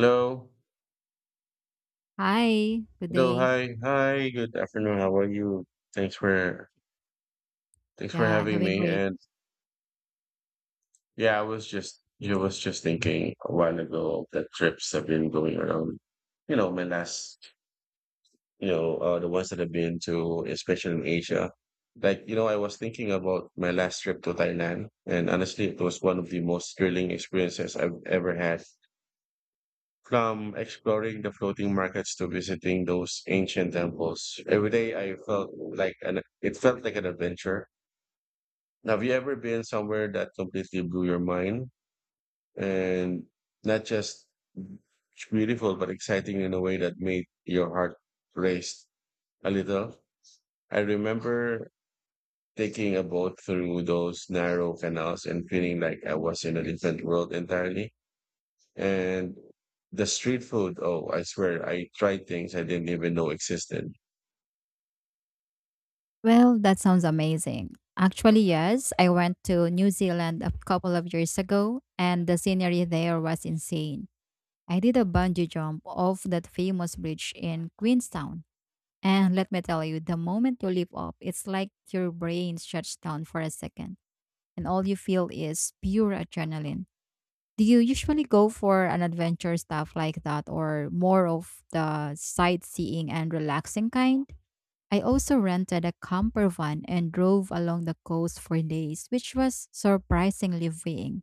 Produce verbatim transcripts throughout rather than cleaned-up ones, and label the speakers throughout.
Speaker 1: Hello.
Speaker 2: Hi, good
Speaker 1: Hello.
Speaker 2: day.
Speaker 1: Hi. Hi. Good afternoon. How are you? Thanks for thanks for
Speaker 2: Yeah,
Speaker 1: having
Speaker 2: doing
Speaker 1: me.
Speaker 2: great.
Speaker 1: And yeah, I was just you know, was just thinking a while ago of the trips I've been going around. You know, my last you know uh, The ones that I've been to, especially in Asia. Like you know, I was thinking about my last trip to Thailand, and honestly, it was one of the most thrilling experiences I've ever had. From exploring the floating markets to visiting those ancient temples, every day I felt like an it felt like an adventure. Have you ever been somewhere that completely blew your mind and not just beautiful but exciting in a way that made your heart race a little? I remember taking a boat through those narrow canals and feeling like I was in a different world entirely. And the street food, oh, I swear, I tried things I didn't even know existed.
Speaker 2: Well, that sounds amazing. Actually, yes, I went to New Zealand a couple of years ago, and the scenery there was insane. I did a bungee jump off that famous bridge in Queenstown. And let me tell you, the moment you leap off, it's like your brain shuts down for a second, and all you feel is pure adrenaline. Do you usually go for an adventure stuff like that, or more of the sightseeing and relaxing kind? I also rented a camper van and drove along the coast for days, which was surprisingly freeing.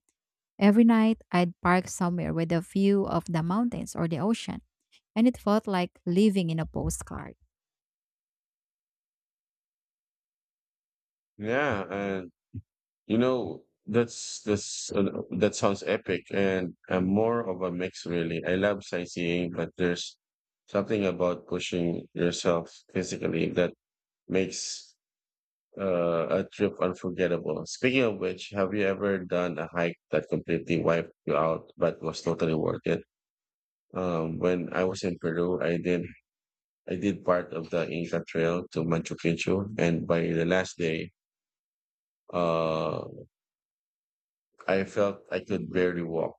Speaker 2: Every night, I'd park somewhere with a view of the mountains or the ocean, and it felt like living in a postcard.
Speaker 1: Yeah, and you know, that's that's uh, that sounds epic. And I'm more of a mix, really. I love sightseeing, but there's something about pushing yourself physically that makes uh, a trip unforgettable. Speaking of which, have you ever done a hike that completely wiped you out but was totally worth it? Um, when I was in Peru, I did I did part of the Inca Trail to Machu Picchu, and by the last day, uh, I felt I could barely walk.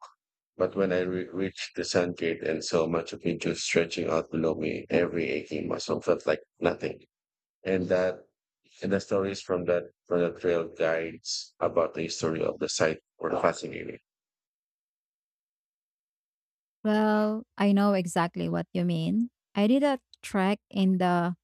Speaker 1: But when I re- reached the Sun Gate and saw Machu Picchu stretching out below me, every aching muscle felt like nothing. And that and the stories from that from the trail guides about the history of the site were fascinating.
Speaker 2: Well, I know exactly what you mean. I did a trek in the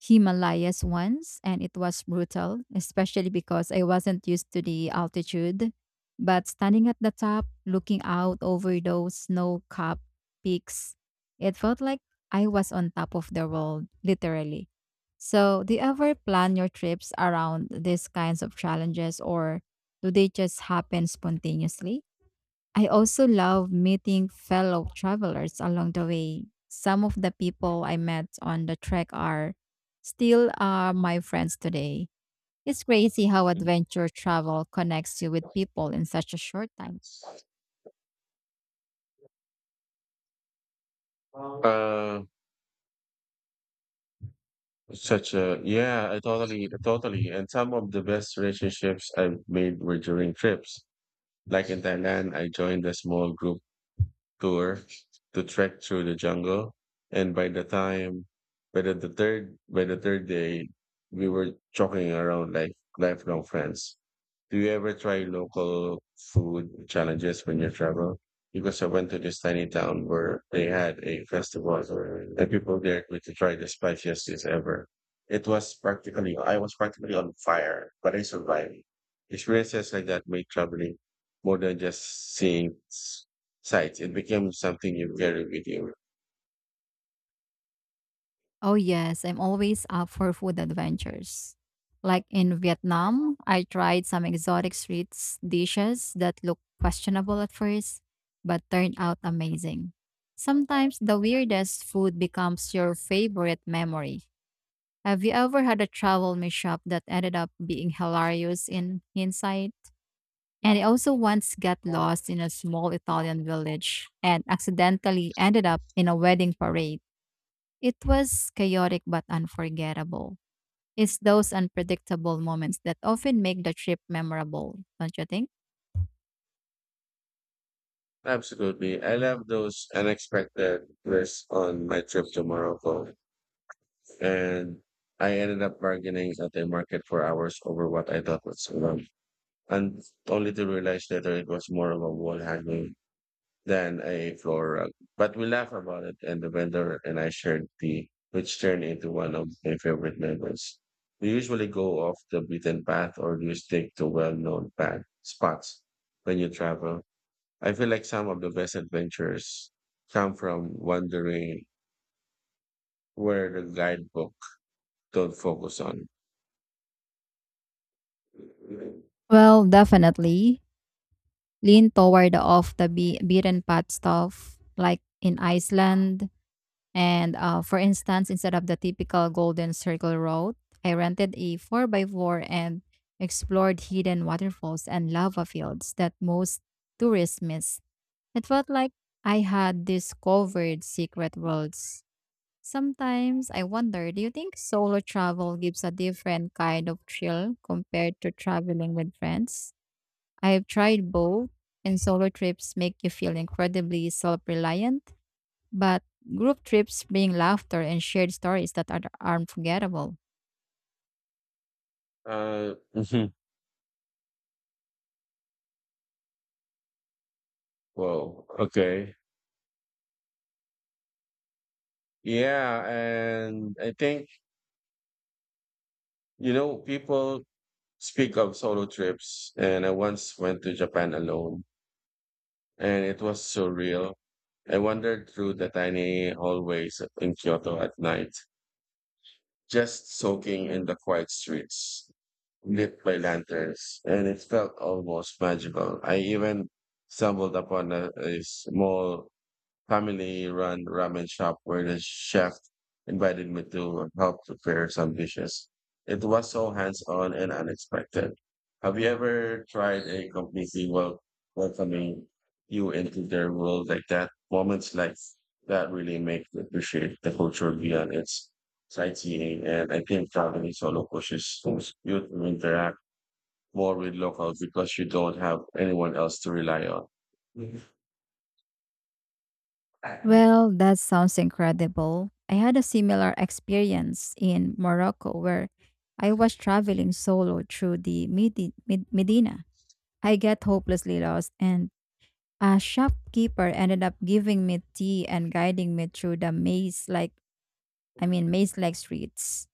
Speaker 2: Himalayas once, and it was brutal, especially because I wasn't used to the altitude. But standing at the top, looking out over those snow capped peaks, it felt like I was on top of the world, literally. So, do you ever plan your trips around these kinds of challenges, or do they just happen spontaneously? I also love meeting fellow travelers along the way. Some of the people I met on the trek are still are my friends today. It's crazy how
Speaker 1: Mm.
Speaker 2: adventure travel connects you with people in such a short time.
Speaker 1: Uh, such a yeah, I totally, totally. And some of the best relationships I've made were during trips. Like in Thailand, I joined a small group tour to trek through the jungle. And by the time, by the, the third, By the third day, we were joking around like lifelong friends. Do you ever try local food challenges when you travel? Because I went to this tiny town where they had a festival and people dared me to try the spiciest dish ever. It was practically, I was practically on fire, but I survived. Experiences like that make traveling more than just seeing s- sights. It became something you carry with you.
Speaker 2: Oh, yes, I'm always up for food adventures. Like in Vietnam, I tried some exotic street dishes that looked questionable at first, but turned out amazing. Sometimes the weirdest food becomes your favorite memory. Have you ever had a travel mishap that ended up being hilarious in hindsight? And I also once got lost in a small Italian village and accidentally ended up in a wedding parade. It was chaotic but unforgettable. It's those unpredictable moments that often make the trip memorable, don't you think?
Speaker 1: Absolutely. I love those unexpected twists on my trip to Morocco. And I ended up bargaining at the market for hours over what I thought was wrong, and only to realize later it was more of a wall hanging than a floor rug. But we laughed about it, and the vendor and I shared tea, which turned into one of my favorite memories. We usually go off the beaten path, or do you stick to well-known path spots when you travel? I feel like some of the best adventures come from wandering where the guidebook don't focus on.
Speaker 2: Well, definitely lean toward the off the be- beaten path stuff, like in Iceland. And uh, For instance, instead of the typical Golden Circle route, I rented a four by four and explored hidden waterfalls and lava fields that most tourists miss. It felt like I had discovered secret worlds. Sometimes I wonder, do you think solo travel gives a different kind of thrill compared to traveling with friends? I have tried both, and solo trips make you feel incredibly self reliant, but group trips bring laughter and shared stories that are are unforgettable.
Speaker 1: Uh, mhm. Well, okay. Yeah, and I think, you know, people speak of solo trips, and I once went to Japan alone, and it was surreal. I wandered through the tiny hallways in Kyoto at night, just soaking in the quiet streets lit by lanterns, and it felt almost magical. I even stumbled upon a, a small family-run ramen shop where the chef invited me to help prepare some dishes. It was so hands-on and unexpected. Have you ever tried a completely wel- welcoming you into their world like that? Moments like that really make you appreciate the culture beyond its sightseeing. And I think traveling solo pushes you to interact more with locals because you don't have anyone else to rely on. Hmm.
Speaker 2: Well, that sounds incredible. I had a similar experience in Morocco where I was traveling solo through the Medi- Med- Medina. I get hopelessly lost, and a shopkeeper ended up giving me tea and guiding me through the maze like I mean maze like streets.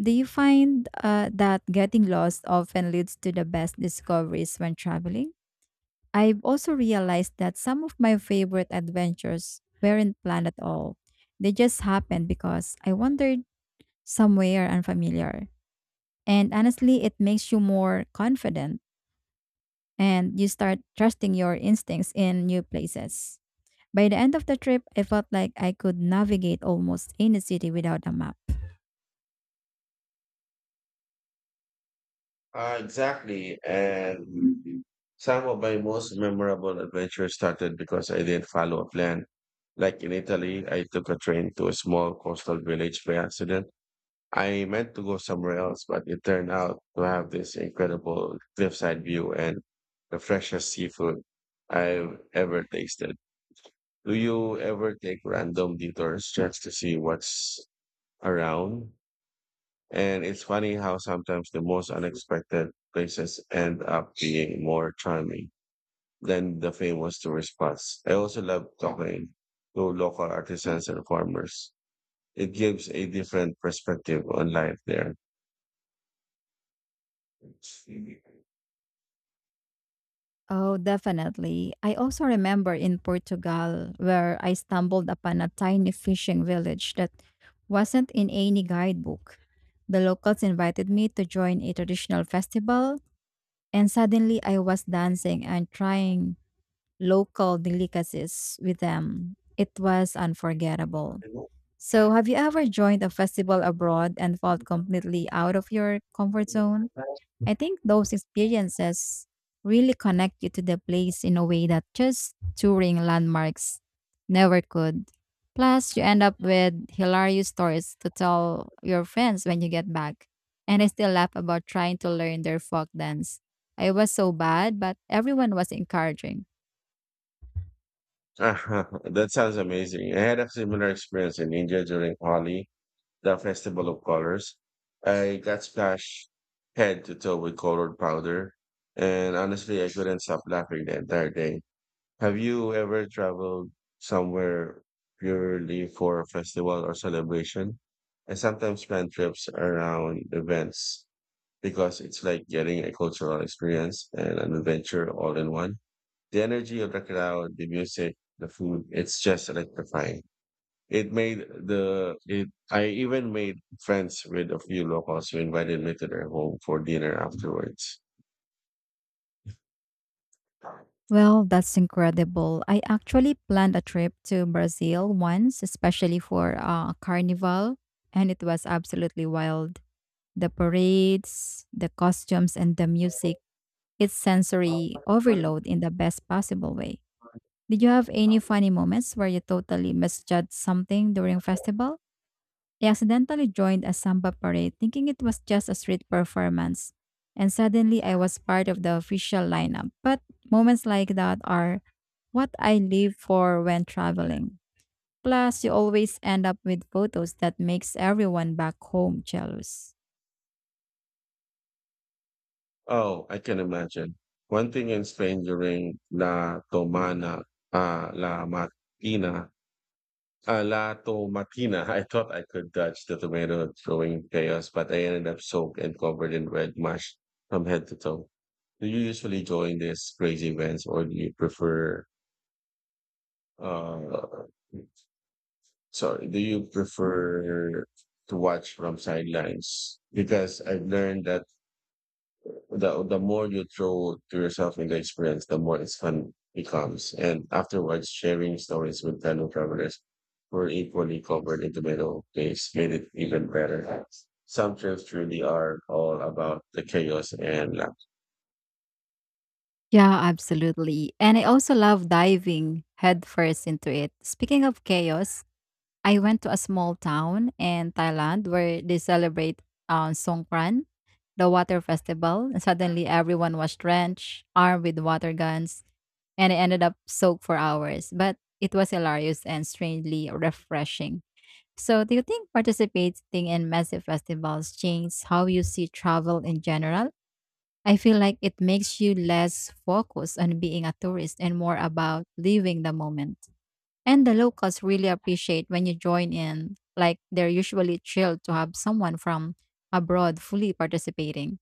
Speaker 2: Do you find uh, that getting lost often leads to the best discoveries when traveling? I've also realized that some of my favorite adventures weren't planned at all. They just happened because I wandered somewhere unfamiliar. And honestly, it makes you more confident and you start trusting your instincts in new places. By the end of the trip, I felt like I could navigate almost any city without a map.
Speaker 1: Uh, exactly. And some of my most memorable adventures started because I didn't follow a plan. Like in Italy, I took a train to a small coastal village by accident. I meant to go somewhere else, but it turned out to have this incredible cliffside view and the freshest seafood I've ever tasted. Do you ever take random detours just to see what's around? And it's funny how sometimes the most unexpected places end up being more charming than the famous tourist spots. I also love talking to local artisans and farmers. It gives a different perspective on life there.
Speaker 2: Oh, definitely. I also remember in Portugal where I stumbled upon a tiny fishing village that wasn't in any guidebook. The locals invited me to join a traditional festival, and suddenly I was dancing and trying local delicacies with them. It was unforgettable. So, have you ever joined a festival abroad and felt completely out of your comfort zone? I think those experiences really connect you to the place in a way that just touring landmarks never could. Plus, you end up with hilarious stories to tell your friends when you get back. And I still laugh about trying to learn their folk dance. I was so bad, but everyone was encouraging.
Speaker 1: That sounds amazing. I had a similar experience in India during Holi, the festival of colors. I got splashed head to toe with colored powder, and honestly, I couldn't stop laughing the entire day. Have you ever traveled somewhere purely for a festival or celebration? I sometimes plan trips around events because it's like getting a cultural experience and an adventure all in one. The energy of the crowd, the music, the food, it's just electrifying. It made the it I even made friends with a few locals who invited me to their home for dinner afterwards.
Speaker 2: Well, that's incredible. I actually planned a trip to Brazil once, especially for a carnival, and it was absolutely wild. The parades, the costumes, and the music. It's sensory overload in the best possible way. Did you have any funny moments where you totally misjudged something during festival? I accidentally joined a samba parade thinking it was just a street performance, and suddenly I was part of the official lineup. But moments like that are what I live for when traveling. Plus, you always end up with photos that makes everyone back home jealous.
Speaker 1: Oh, I can imagine. One thing in Spain during La Tomana, uh, La Matina, uh, La Tomatina, I thought I could dodge the tomato throwing chaos, but I ended up soaked and covered in red mush from head to toe. Do you usually join these crazy events or do you prefer, uh, sorry, do you prefer to watch from sidelines? Because I've learned that the the more you throw to yourself in the experience, the more it's fun becomes. And afterwards, sharing stories with fellow travelers who are equally covered in tomato paste made it even better. Some trips really are all about the chaos and laugh.
Speaker 2: Yeah, absolutely. And I also love diving headfirst into it. Speaking of chaos, I went to a small town in Thailand where they celebrate uh, Songkran, the water festival. And suddenly everyone was drenched, armed with water guns, and I ended up soaked for hours. But it was hilarious and strangely refreshing. So, do you think participating in massive festivals changes how you see travel in general? I feel like it makes you less focused on being a tourist and more about living the moment. And the locals really appreciate when you join in, like they're usually thrilled to have someone from abroad fully participating.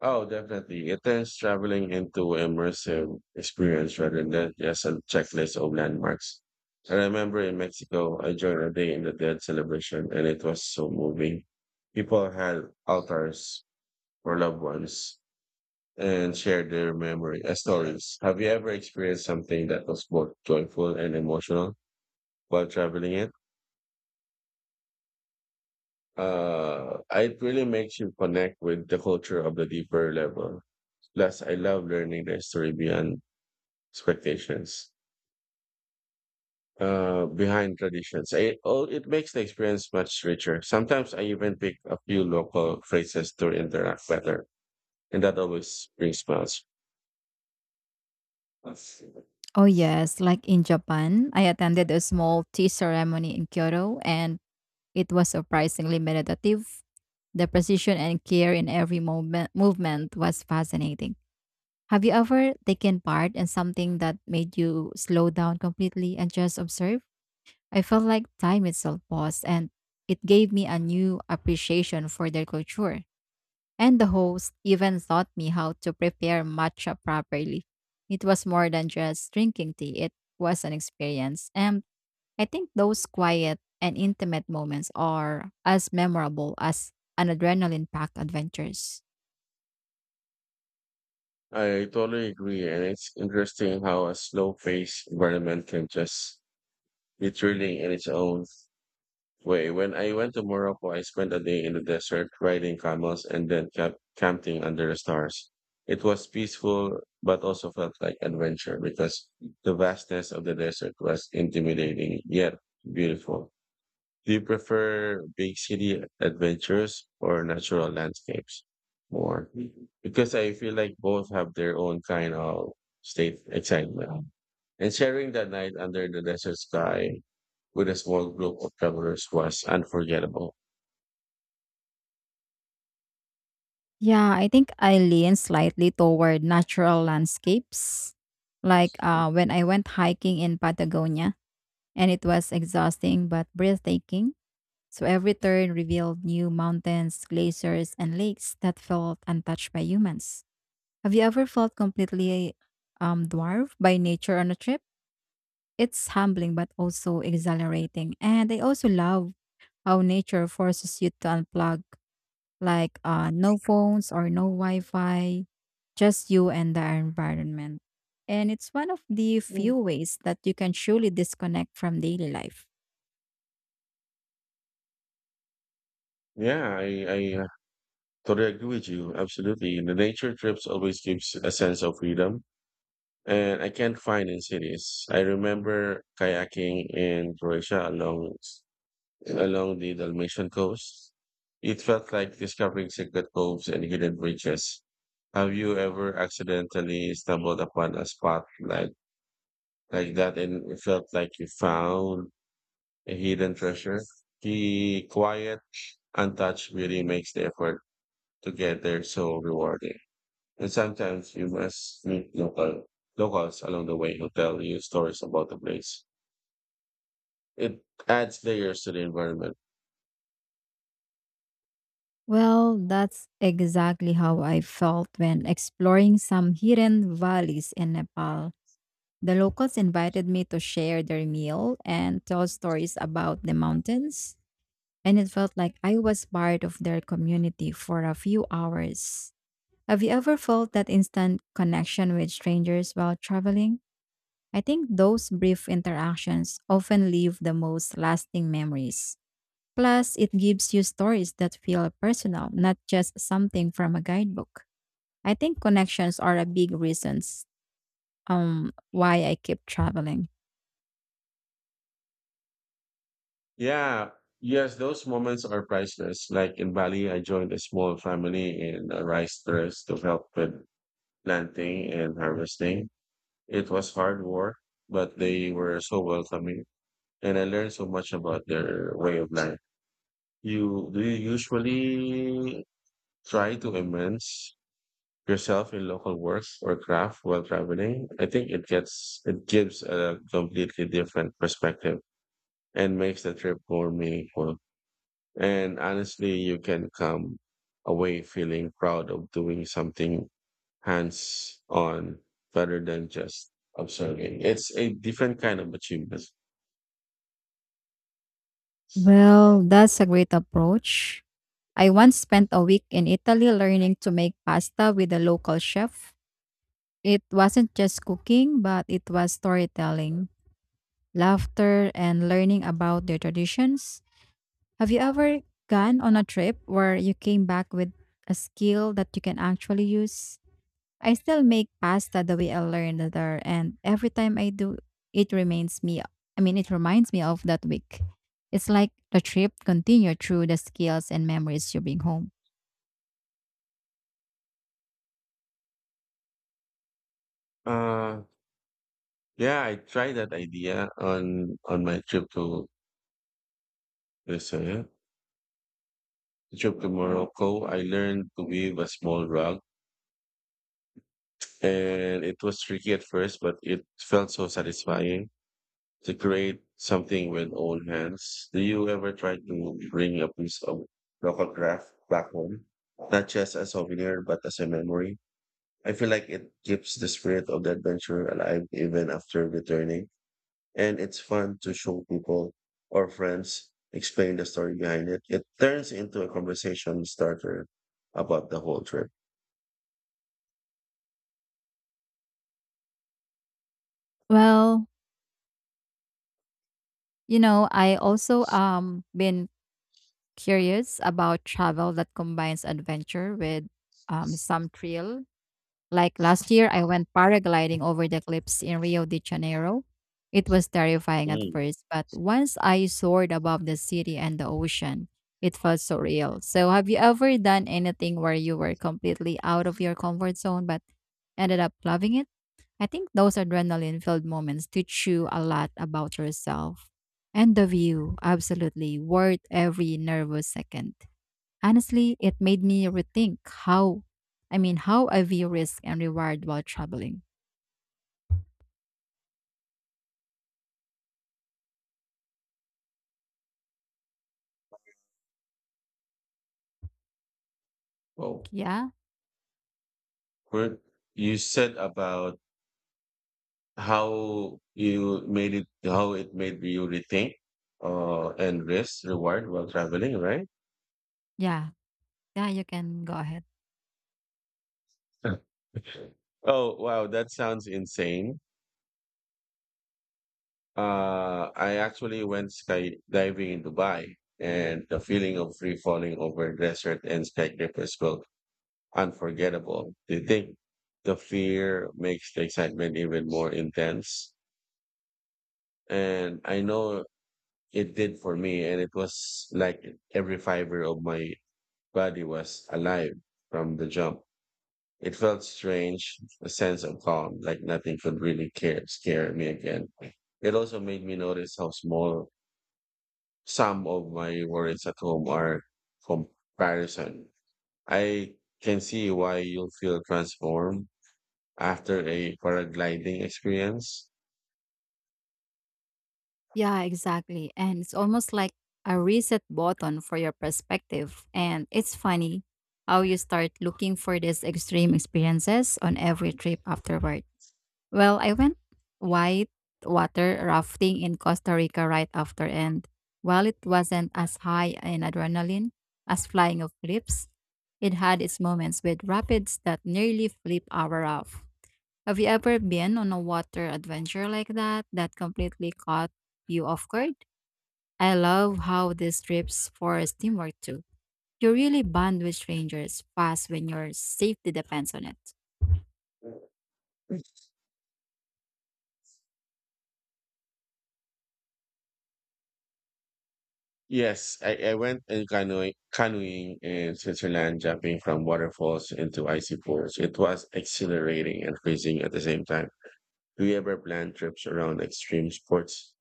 Speaker 1: Oh, definitely. It is traveling into immersive experience rather than just a checklist of landmarks. I remember in Mexico, I joined a Day in the Dead celebration and it was so moving. People had altars for loved ones and share their memory uh, stories. Have you ever experienced something that was both joyful and emotional while traveling it? Uh, it really makes you connect with the culture of the deeper level. Plus, I love learning the history beyond expectations, uh, behind traditions. I, oh, it makes the experience much richer. Sometimes I even pick a few local phrases to interact better, and that always brings smiles.
Speaker 2: Oh, yes, like in Japan, I attended a small tea ceremony in Kyoto and it was surprisingly meditative. The precision and care in every movement, movement was fascinating. Have you ever taken part in something that made you slow down completely and just observe? I felt like time itself paused and it gave me a new appreciation for their culture. And the host even taught me how to prepare matcha properly. It was more than just drinking tea, it was an experience. And I think those quiet and intimate moments are as memorable as an adrenaline packed adventures.
Speaker 1: I totally agree, and it's interesting how a slow-paced environment can just be thrilling in its own way. When I went to Morocco, I spent a day in the desert riding camels and then camp- camping under the stars. It was peaceful, but also felt like adventure because the vastness of the desert was intimidating yet beautiful. Do you prefer big city adventures or natural landscapes more? Because I feel like both have their own kind of state excitement. And sharing that night under the desert sky with a small group of travelers was unforgettable.
Speaker 2: Yeah, I think I lean slightly toward natural landscapes. Like uh, when I went hiking in Patagonia, and it was exhausting but breathtaking. So every turn revealed new mountains, glaciers, and lakes that felt untouched by humans. Have you ever felt completely um, dwarfed by nature on a trip? It's humbling but also exhilarating. And I also love how nature forces you to unplug, like uh, no phones or no Wi Fi, just you and the environment. And it's one of the
Speaker 1: Mm.
Speaker 2: few ways that you can truly disconnect from daily life.
Speaker 1: Yeah, I, I uh, Totally agree with you. Absolutely. The nature trips always gives a sense of freedom and I can't find in cities. I remember kayaking in Croatia along along the Dalmatian coast. It felt like discovering secret coves and hidden bridges. Have you ever accidentally stumbled upon a spot like, like that and it felt like you found a hidden treasure? The quiet, untouched beauty makes the effort to get there so rewarding. And sometimes you must meet local locals along the way who tell you stories about the place. It adds layers to the environment.
Speaker 2: Well, that's exactly how I felt when exploring some hidden valleys in Nepal. The locals invited me to share their meal and tell stories about the mountains, and it felt like I was part of their community for a few hours. Have you ever felt that instant connection with strangers while traveling? I think those brief interactions often leave the most lasting memories. Plus, it gives you stories that feel personal, not just something from a guidebook. I think connections are a big reasons um why I keep traveling.
Speaker 1: Yeah, yes, those moments are priceless. Like in Bali, I joined a small family in a rice terrace to help with planting and harvesting. It was hard work, but they were so welcoming, and I learned so much about their way of life. You do you usually try to immerse yourself in local works or craft while traveling? I think it gets it gives a completely different perspective and makes the trip more meaningful. And honestly, you can come away feeling proud of doing something hands on rather than just observing. It's a different kind of achievement.
Speaker 2: Well, that's a great approach. I once spent a week in Italy learning to make pasta with a local chef. It wasn't just cooking, but it was storytelling, laughter, and learning about their traditions. Have you ever gone on a trip where you came back with a skill that you can actually use? I still make pasta the way I learned it there, and every time I do, it reminds me. I mean, it reminds me of that week. It's like the trip continued through the skills and memories you bring home.
Speaker 1: Uh, yeah, I tried that idea on on my trip to this uh, trip to Morocco. I learned to weave a small rug, and it was tricky at first, but it felt so satisfying to create something with own hands. Do you ever try to bring a piece of local craft back home? Not just a souvenir, but as a memory. I feel like it keeps the spirit of the adventure alive even after returning. And it's fun to show people or friends, explain the story behind it. It turns into a conversation starter about the whole trip.
Speaker 2: Well, you know, I also um been curious about travel that combines adventure with um some thrill. Like last year, I went paragliding over the cliffs in Rio de Janeiro. It was terrifying at
Speaker 1: Mm.
Speaker 2: first, but once I soared above the city and the ocean, it felt so real. So, have you ever done anything where you were completely out of your comfort zone but ended up loving it? I think those adrenaline filled moments teach you a lot about yourself and the view. Absolutely worth every nervous second. Honestly, it made me rethink how, I mean, how I view risk and reward while traveling.
Speaker 1: Oh,
Speaker 2: Yeah,
Speaker 1: Kurt, you said about how you made it how it made you rethink uh and risk reward while traveling, right?
Speaker 2: yeah, yeah, you can go ahead.
Speaker 1: Oh, wow, that sounds insane. uh I actually went skydiving in Dubai, and the feeling of free falling over desert and skyscrapers was unforgettable. You think the fear makes the excitement even more intense? And I know it did for me, and it was like every fiber of my body was alive from the jump. It felt strange, a sense of calm, like nothing could really care, scare me again. It also made me notice how small some of my worries at home are comparison. I can see why you'll feel transformed after a paragliding experience.
Speaker 2: Yeah, exactly. And it's almost like a reset button for your perspective. And it's funny how you start looking for these extreme experiences on every trip afterward. Well, I went white water rafting in Costa Rica right after, and while it wasn't as high in adrenaline as flying off cliffs, it had its moments with rapids that nearly flip our off. Have you ever been on a water adventure like that that completely caught you off guard? I love how these trips force teamwork too. You really bond with strangers fast when your safety depends on it.
Speaker 1: Yes, I, I went and canoeing, canoeing in Switzerland, jumping from waterfalls into icy pools. It was exhilarating and freezing at the same time. Do you ever plan trips around extreme sports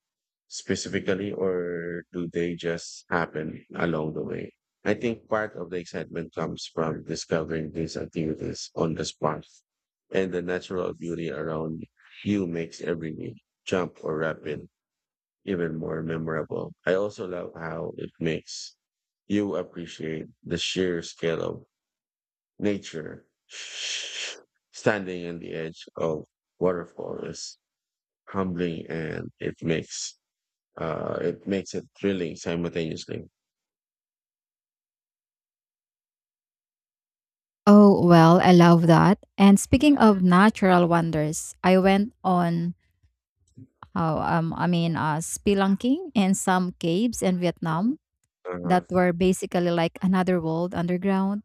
Speaker 1: specifically, or do they just happen along the way? I think part of the excitement comes from discovering these activities on the spot, and the natural beauty around you makes every jump or rapid even more memorable. I also love how it makes you appreciate the sheer scale of nature. Standing on the edge of waterfall is humbling and it makes uh it makes it thrilling simultaneously.
Speaker 2: Oh, well, I love that. And speaking of natural wonders, I went on how um I mean uh spelunking in some caves in Vietnam that
Speaker 1: Uh-huh,
Speaker 2: were basically like another world underground.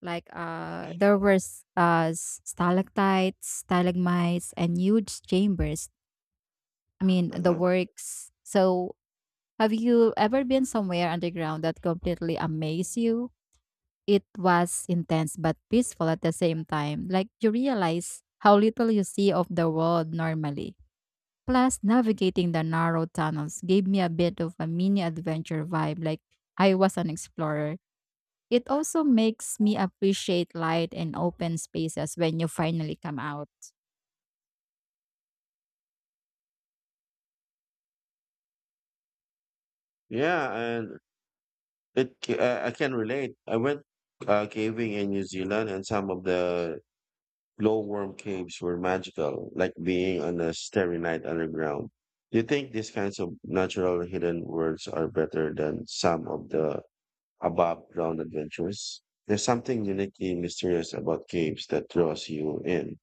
Speaker 2: Like uh there were s- uh s- stalactites, stalagmites and huge chambers. I mean the
Speaker 1: uh-huh.
Speaker 2: works. So have you ever been somewhere underground that completely amazed you? It was intense but peaceful at the same time. Like you realize how little you see of the world normally. Plus, navigating the narrow tunnels gave me a bit of a mini adventure vibe, like I was an explorer. It also makes me appreciate light and open spaces when you finally come out.
Speaker 1: Yeah, and it ca- I, I can relate. I went uh, caving in New Zealand, and some of the glowworm caves were magical, like being on a starry night underground. Do you think these kinds of natural hidden worlds are better than some of the above ground adventures? There's something uniquely mysterious about caves that draws you in.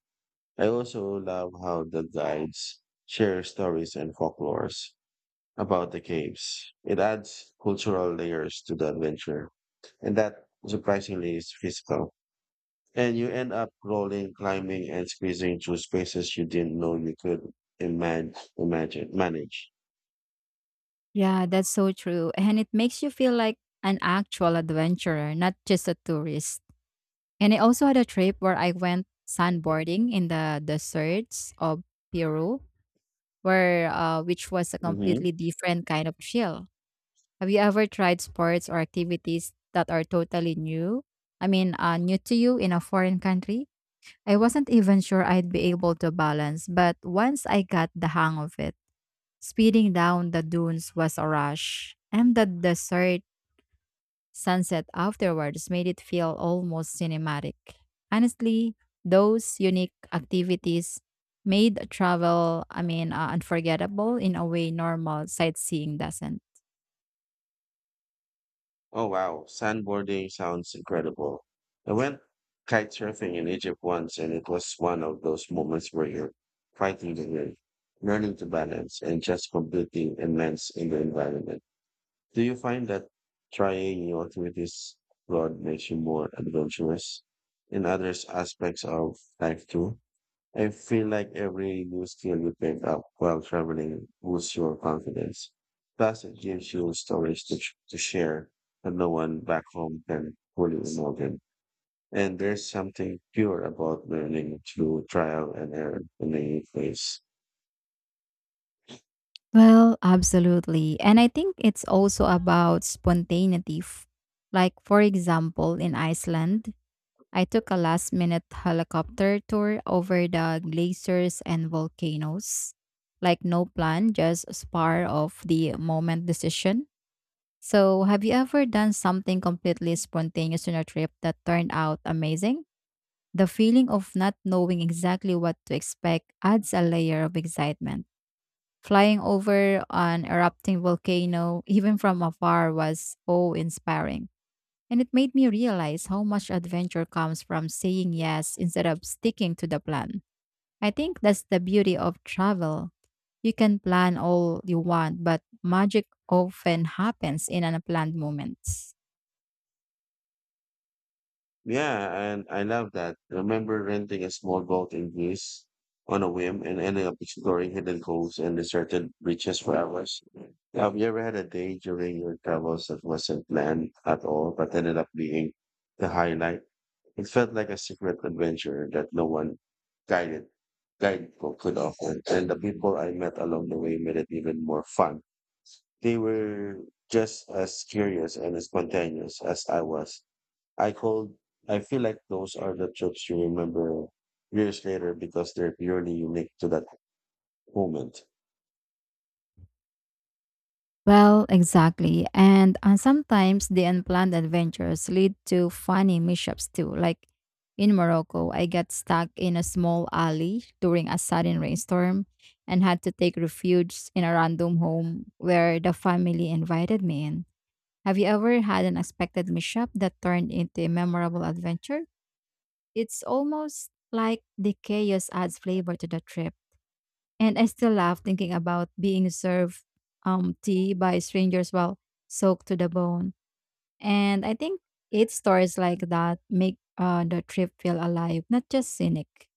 Speaker 1: I also love how the guides share stories and folklores about the caves. It adds cultural layers to the adventure, and that surprisingly is physical. And you end up rolling, climbing, and squeezing through spaces you didn't know you could imagine, imagine manage.
Speaker 2: Yeah, that's so true. And it makes you feel like an actual adventurer, not just a tourist. And I also had a trip where I went sandboarding in the deserts of Peru, where uh, which was a completely
Speaker 1: Mhm.
Speaker 2: different kind of chill. Have you ever tried sports or activities that are totally new? I mean, uh, new to you in a foreign country? I wasn't even sure I'd be able to balance, but once I got the hang of it, speeding down the dunes was a rush, and the desert sunset afterwards made it feel almost cinematic. Honestly, those unique activities made travel, I mean, uh, unforgettable in a way normal sightseeing doesn't.
Speaker 1: Oh wow, sandboarding sounds incredible. I went kite surfing in Egypt once, and it was one of those moments where you're fighting the wind, learning to balance, and just completely immersed in the environment. Do you find that trying new activities abroad makes you more adventurous in other aspects of life too? I feel like every new skill you pick up while traveling boosts your confidence. Plus, it gives you stories to, sh- to share that no one back home can fully imagine. And there's something pure about learning through trial and error in a new place.
Speaker 2: Well, absolutely. And I think it's also about spontaneity. F- Like, for example, in Iceland, I took a last minute helicopter tour over the glaciers and volcanoes. Like, no plan, just spur of the moment decision. So, have you ever done something completely spontaneous on a trip that turned out amazing? The feeling of not knowing exactly what to expect adds a layer of excitement. Flying over an erupting volcano, even from afar, was awe inspiring. And it made me realize how much adventure comes from saying yes instead of sticking to the plan. I think that's the beauty of travel. You can plan all you want, but magic often happens in unplanned moments.
Speaker 1: Yeah, and I love that. Remember renting a small boat in Greece on a whim and ending up exploring hidden coves and deserted beaches for hours. Have you ever had a day during your travels that wasn't planned at all but ended up being the highlight? It felt like a secret adventure that no one guided guidebook could offer. And the people I met along the way made it even more fun. They were just as curious and as spontaneous as I was. I could, I feel like those are the trips you remember years later because they're purely unique to that moment.
Speaker 2: Well, exactly. And uh, Sometimes the unplanned adventures lead to funny mishaps too. Like in Morocco, I got stuck in a small alley during a sudden rainstorm and had to take refuge in a random home where the family invited me in. Have you ever had an unexpected mishap that turned into a memorable adventure? It's almost like the chaos adds flavor to the trip. And I still laugh thinking about being served um, tea by strangers while soaked to the bone. And I think eight stories like that make uh, the trip feel alive, not just scenic.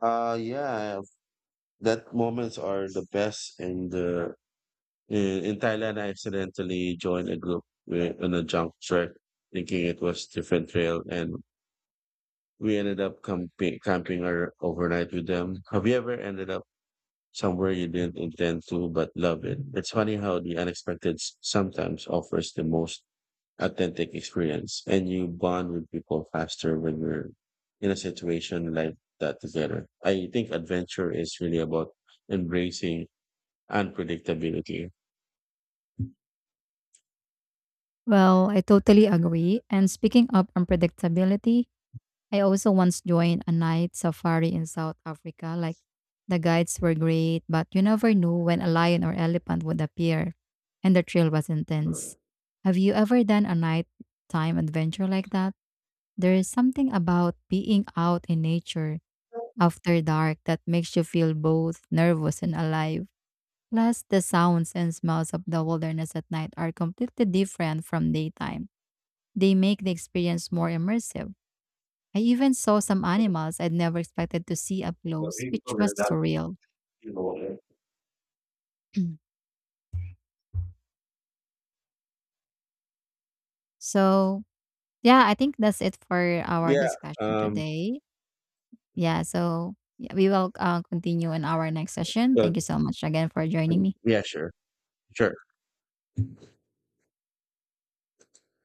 Speaker 1: Uh yeah, that moments are the best in the in, in Thailand. I accidentally joined a group wi- on a junk trek thinking it was different trail, and we ended up camping camping or overnight with them. Have you ever ended up somewhere you didn't intend to but love it? It's funny how the unexpected s- sometimes offers the most authentic experience, and you bond with people faster when you're in a situation like that together. I think adventure is really about embracing unpredictability.
Speaker 2: Well, I totally agree. And speaking of unpredictability, I also once joined a night safari in South Africa. Like the guides were great, but you never knew when a lion or elephant would appear, and the thrill was intense. Have you ever done a nighttime adventure like that? There is something about being out in nature after dark that makes you feel both nervous and alive. Plus, the sounds and smells of the wilderness at night are completely different from daytime. They make the experience more immersive. I even saw some animals I'd never expected to see up close, which was surreal. So, yeah, I think that's it for our
Speaker 1: Yeah.
Speaker 2: discussion
Speaker 1: Um,
Speaker 2: today. Yeah, so yeah, we will uh, continue in our next session. Thank
Speaker 1: but
Speaker 2: you so much again for joining me.
Speaker 1: yeah, sure. Sure.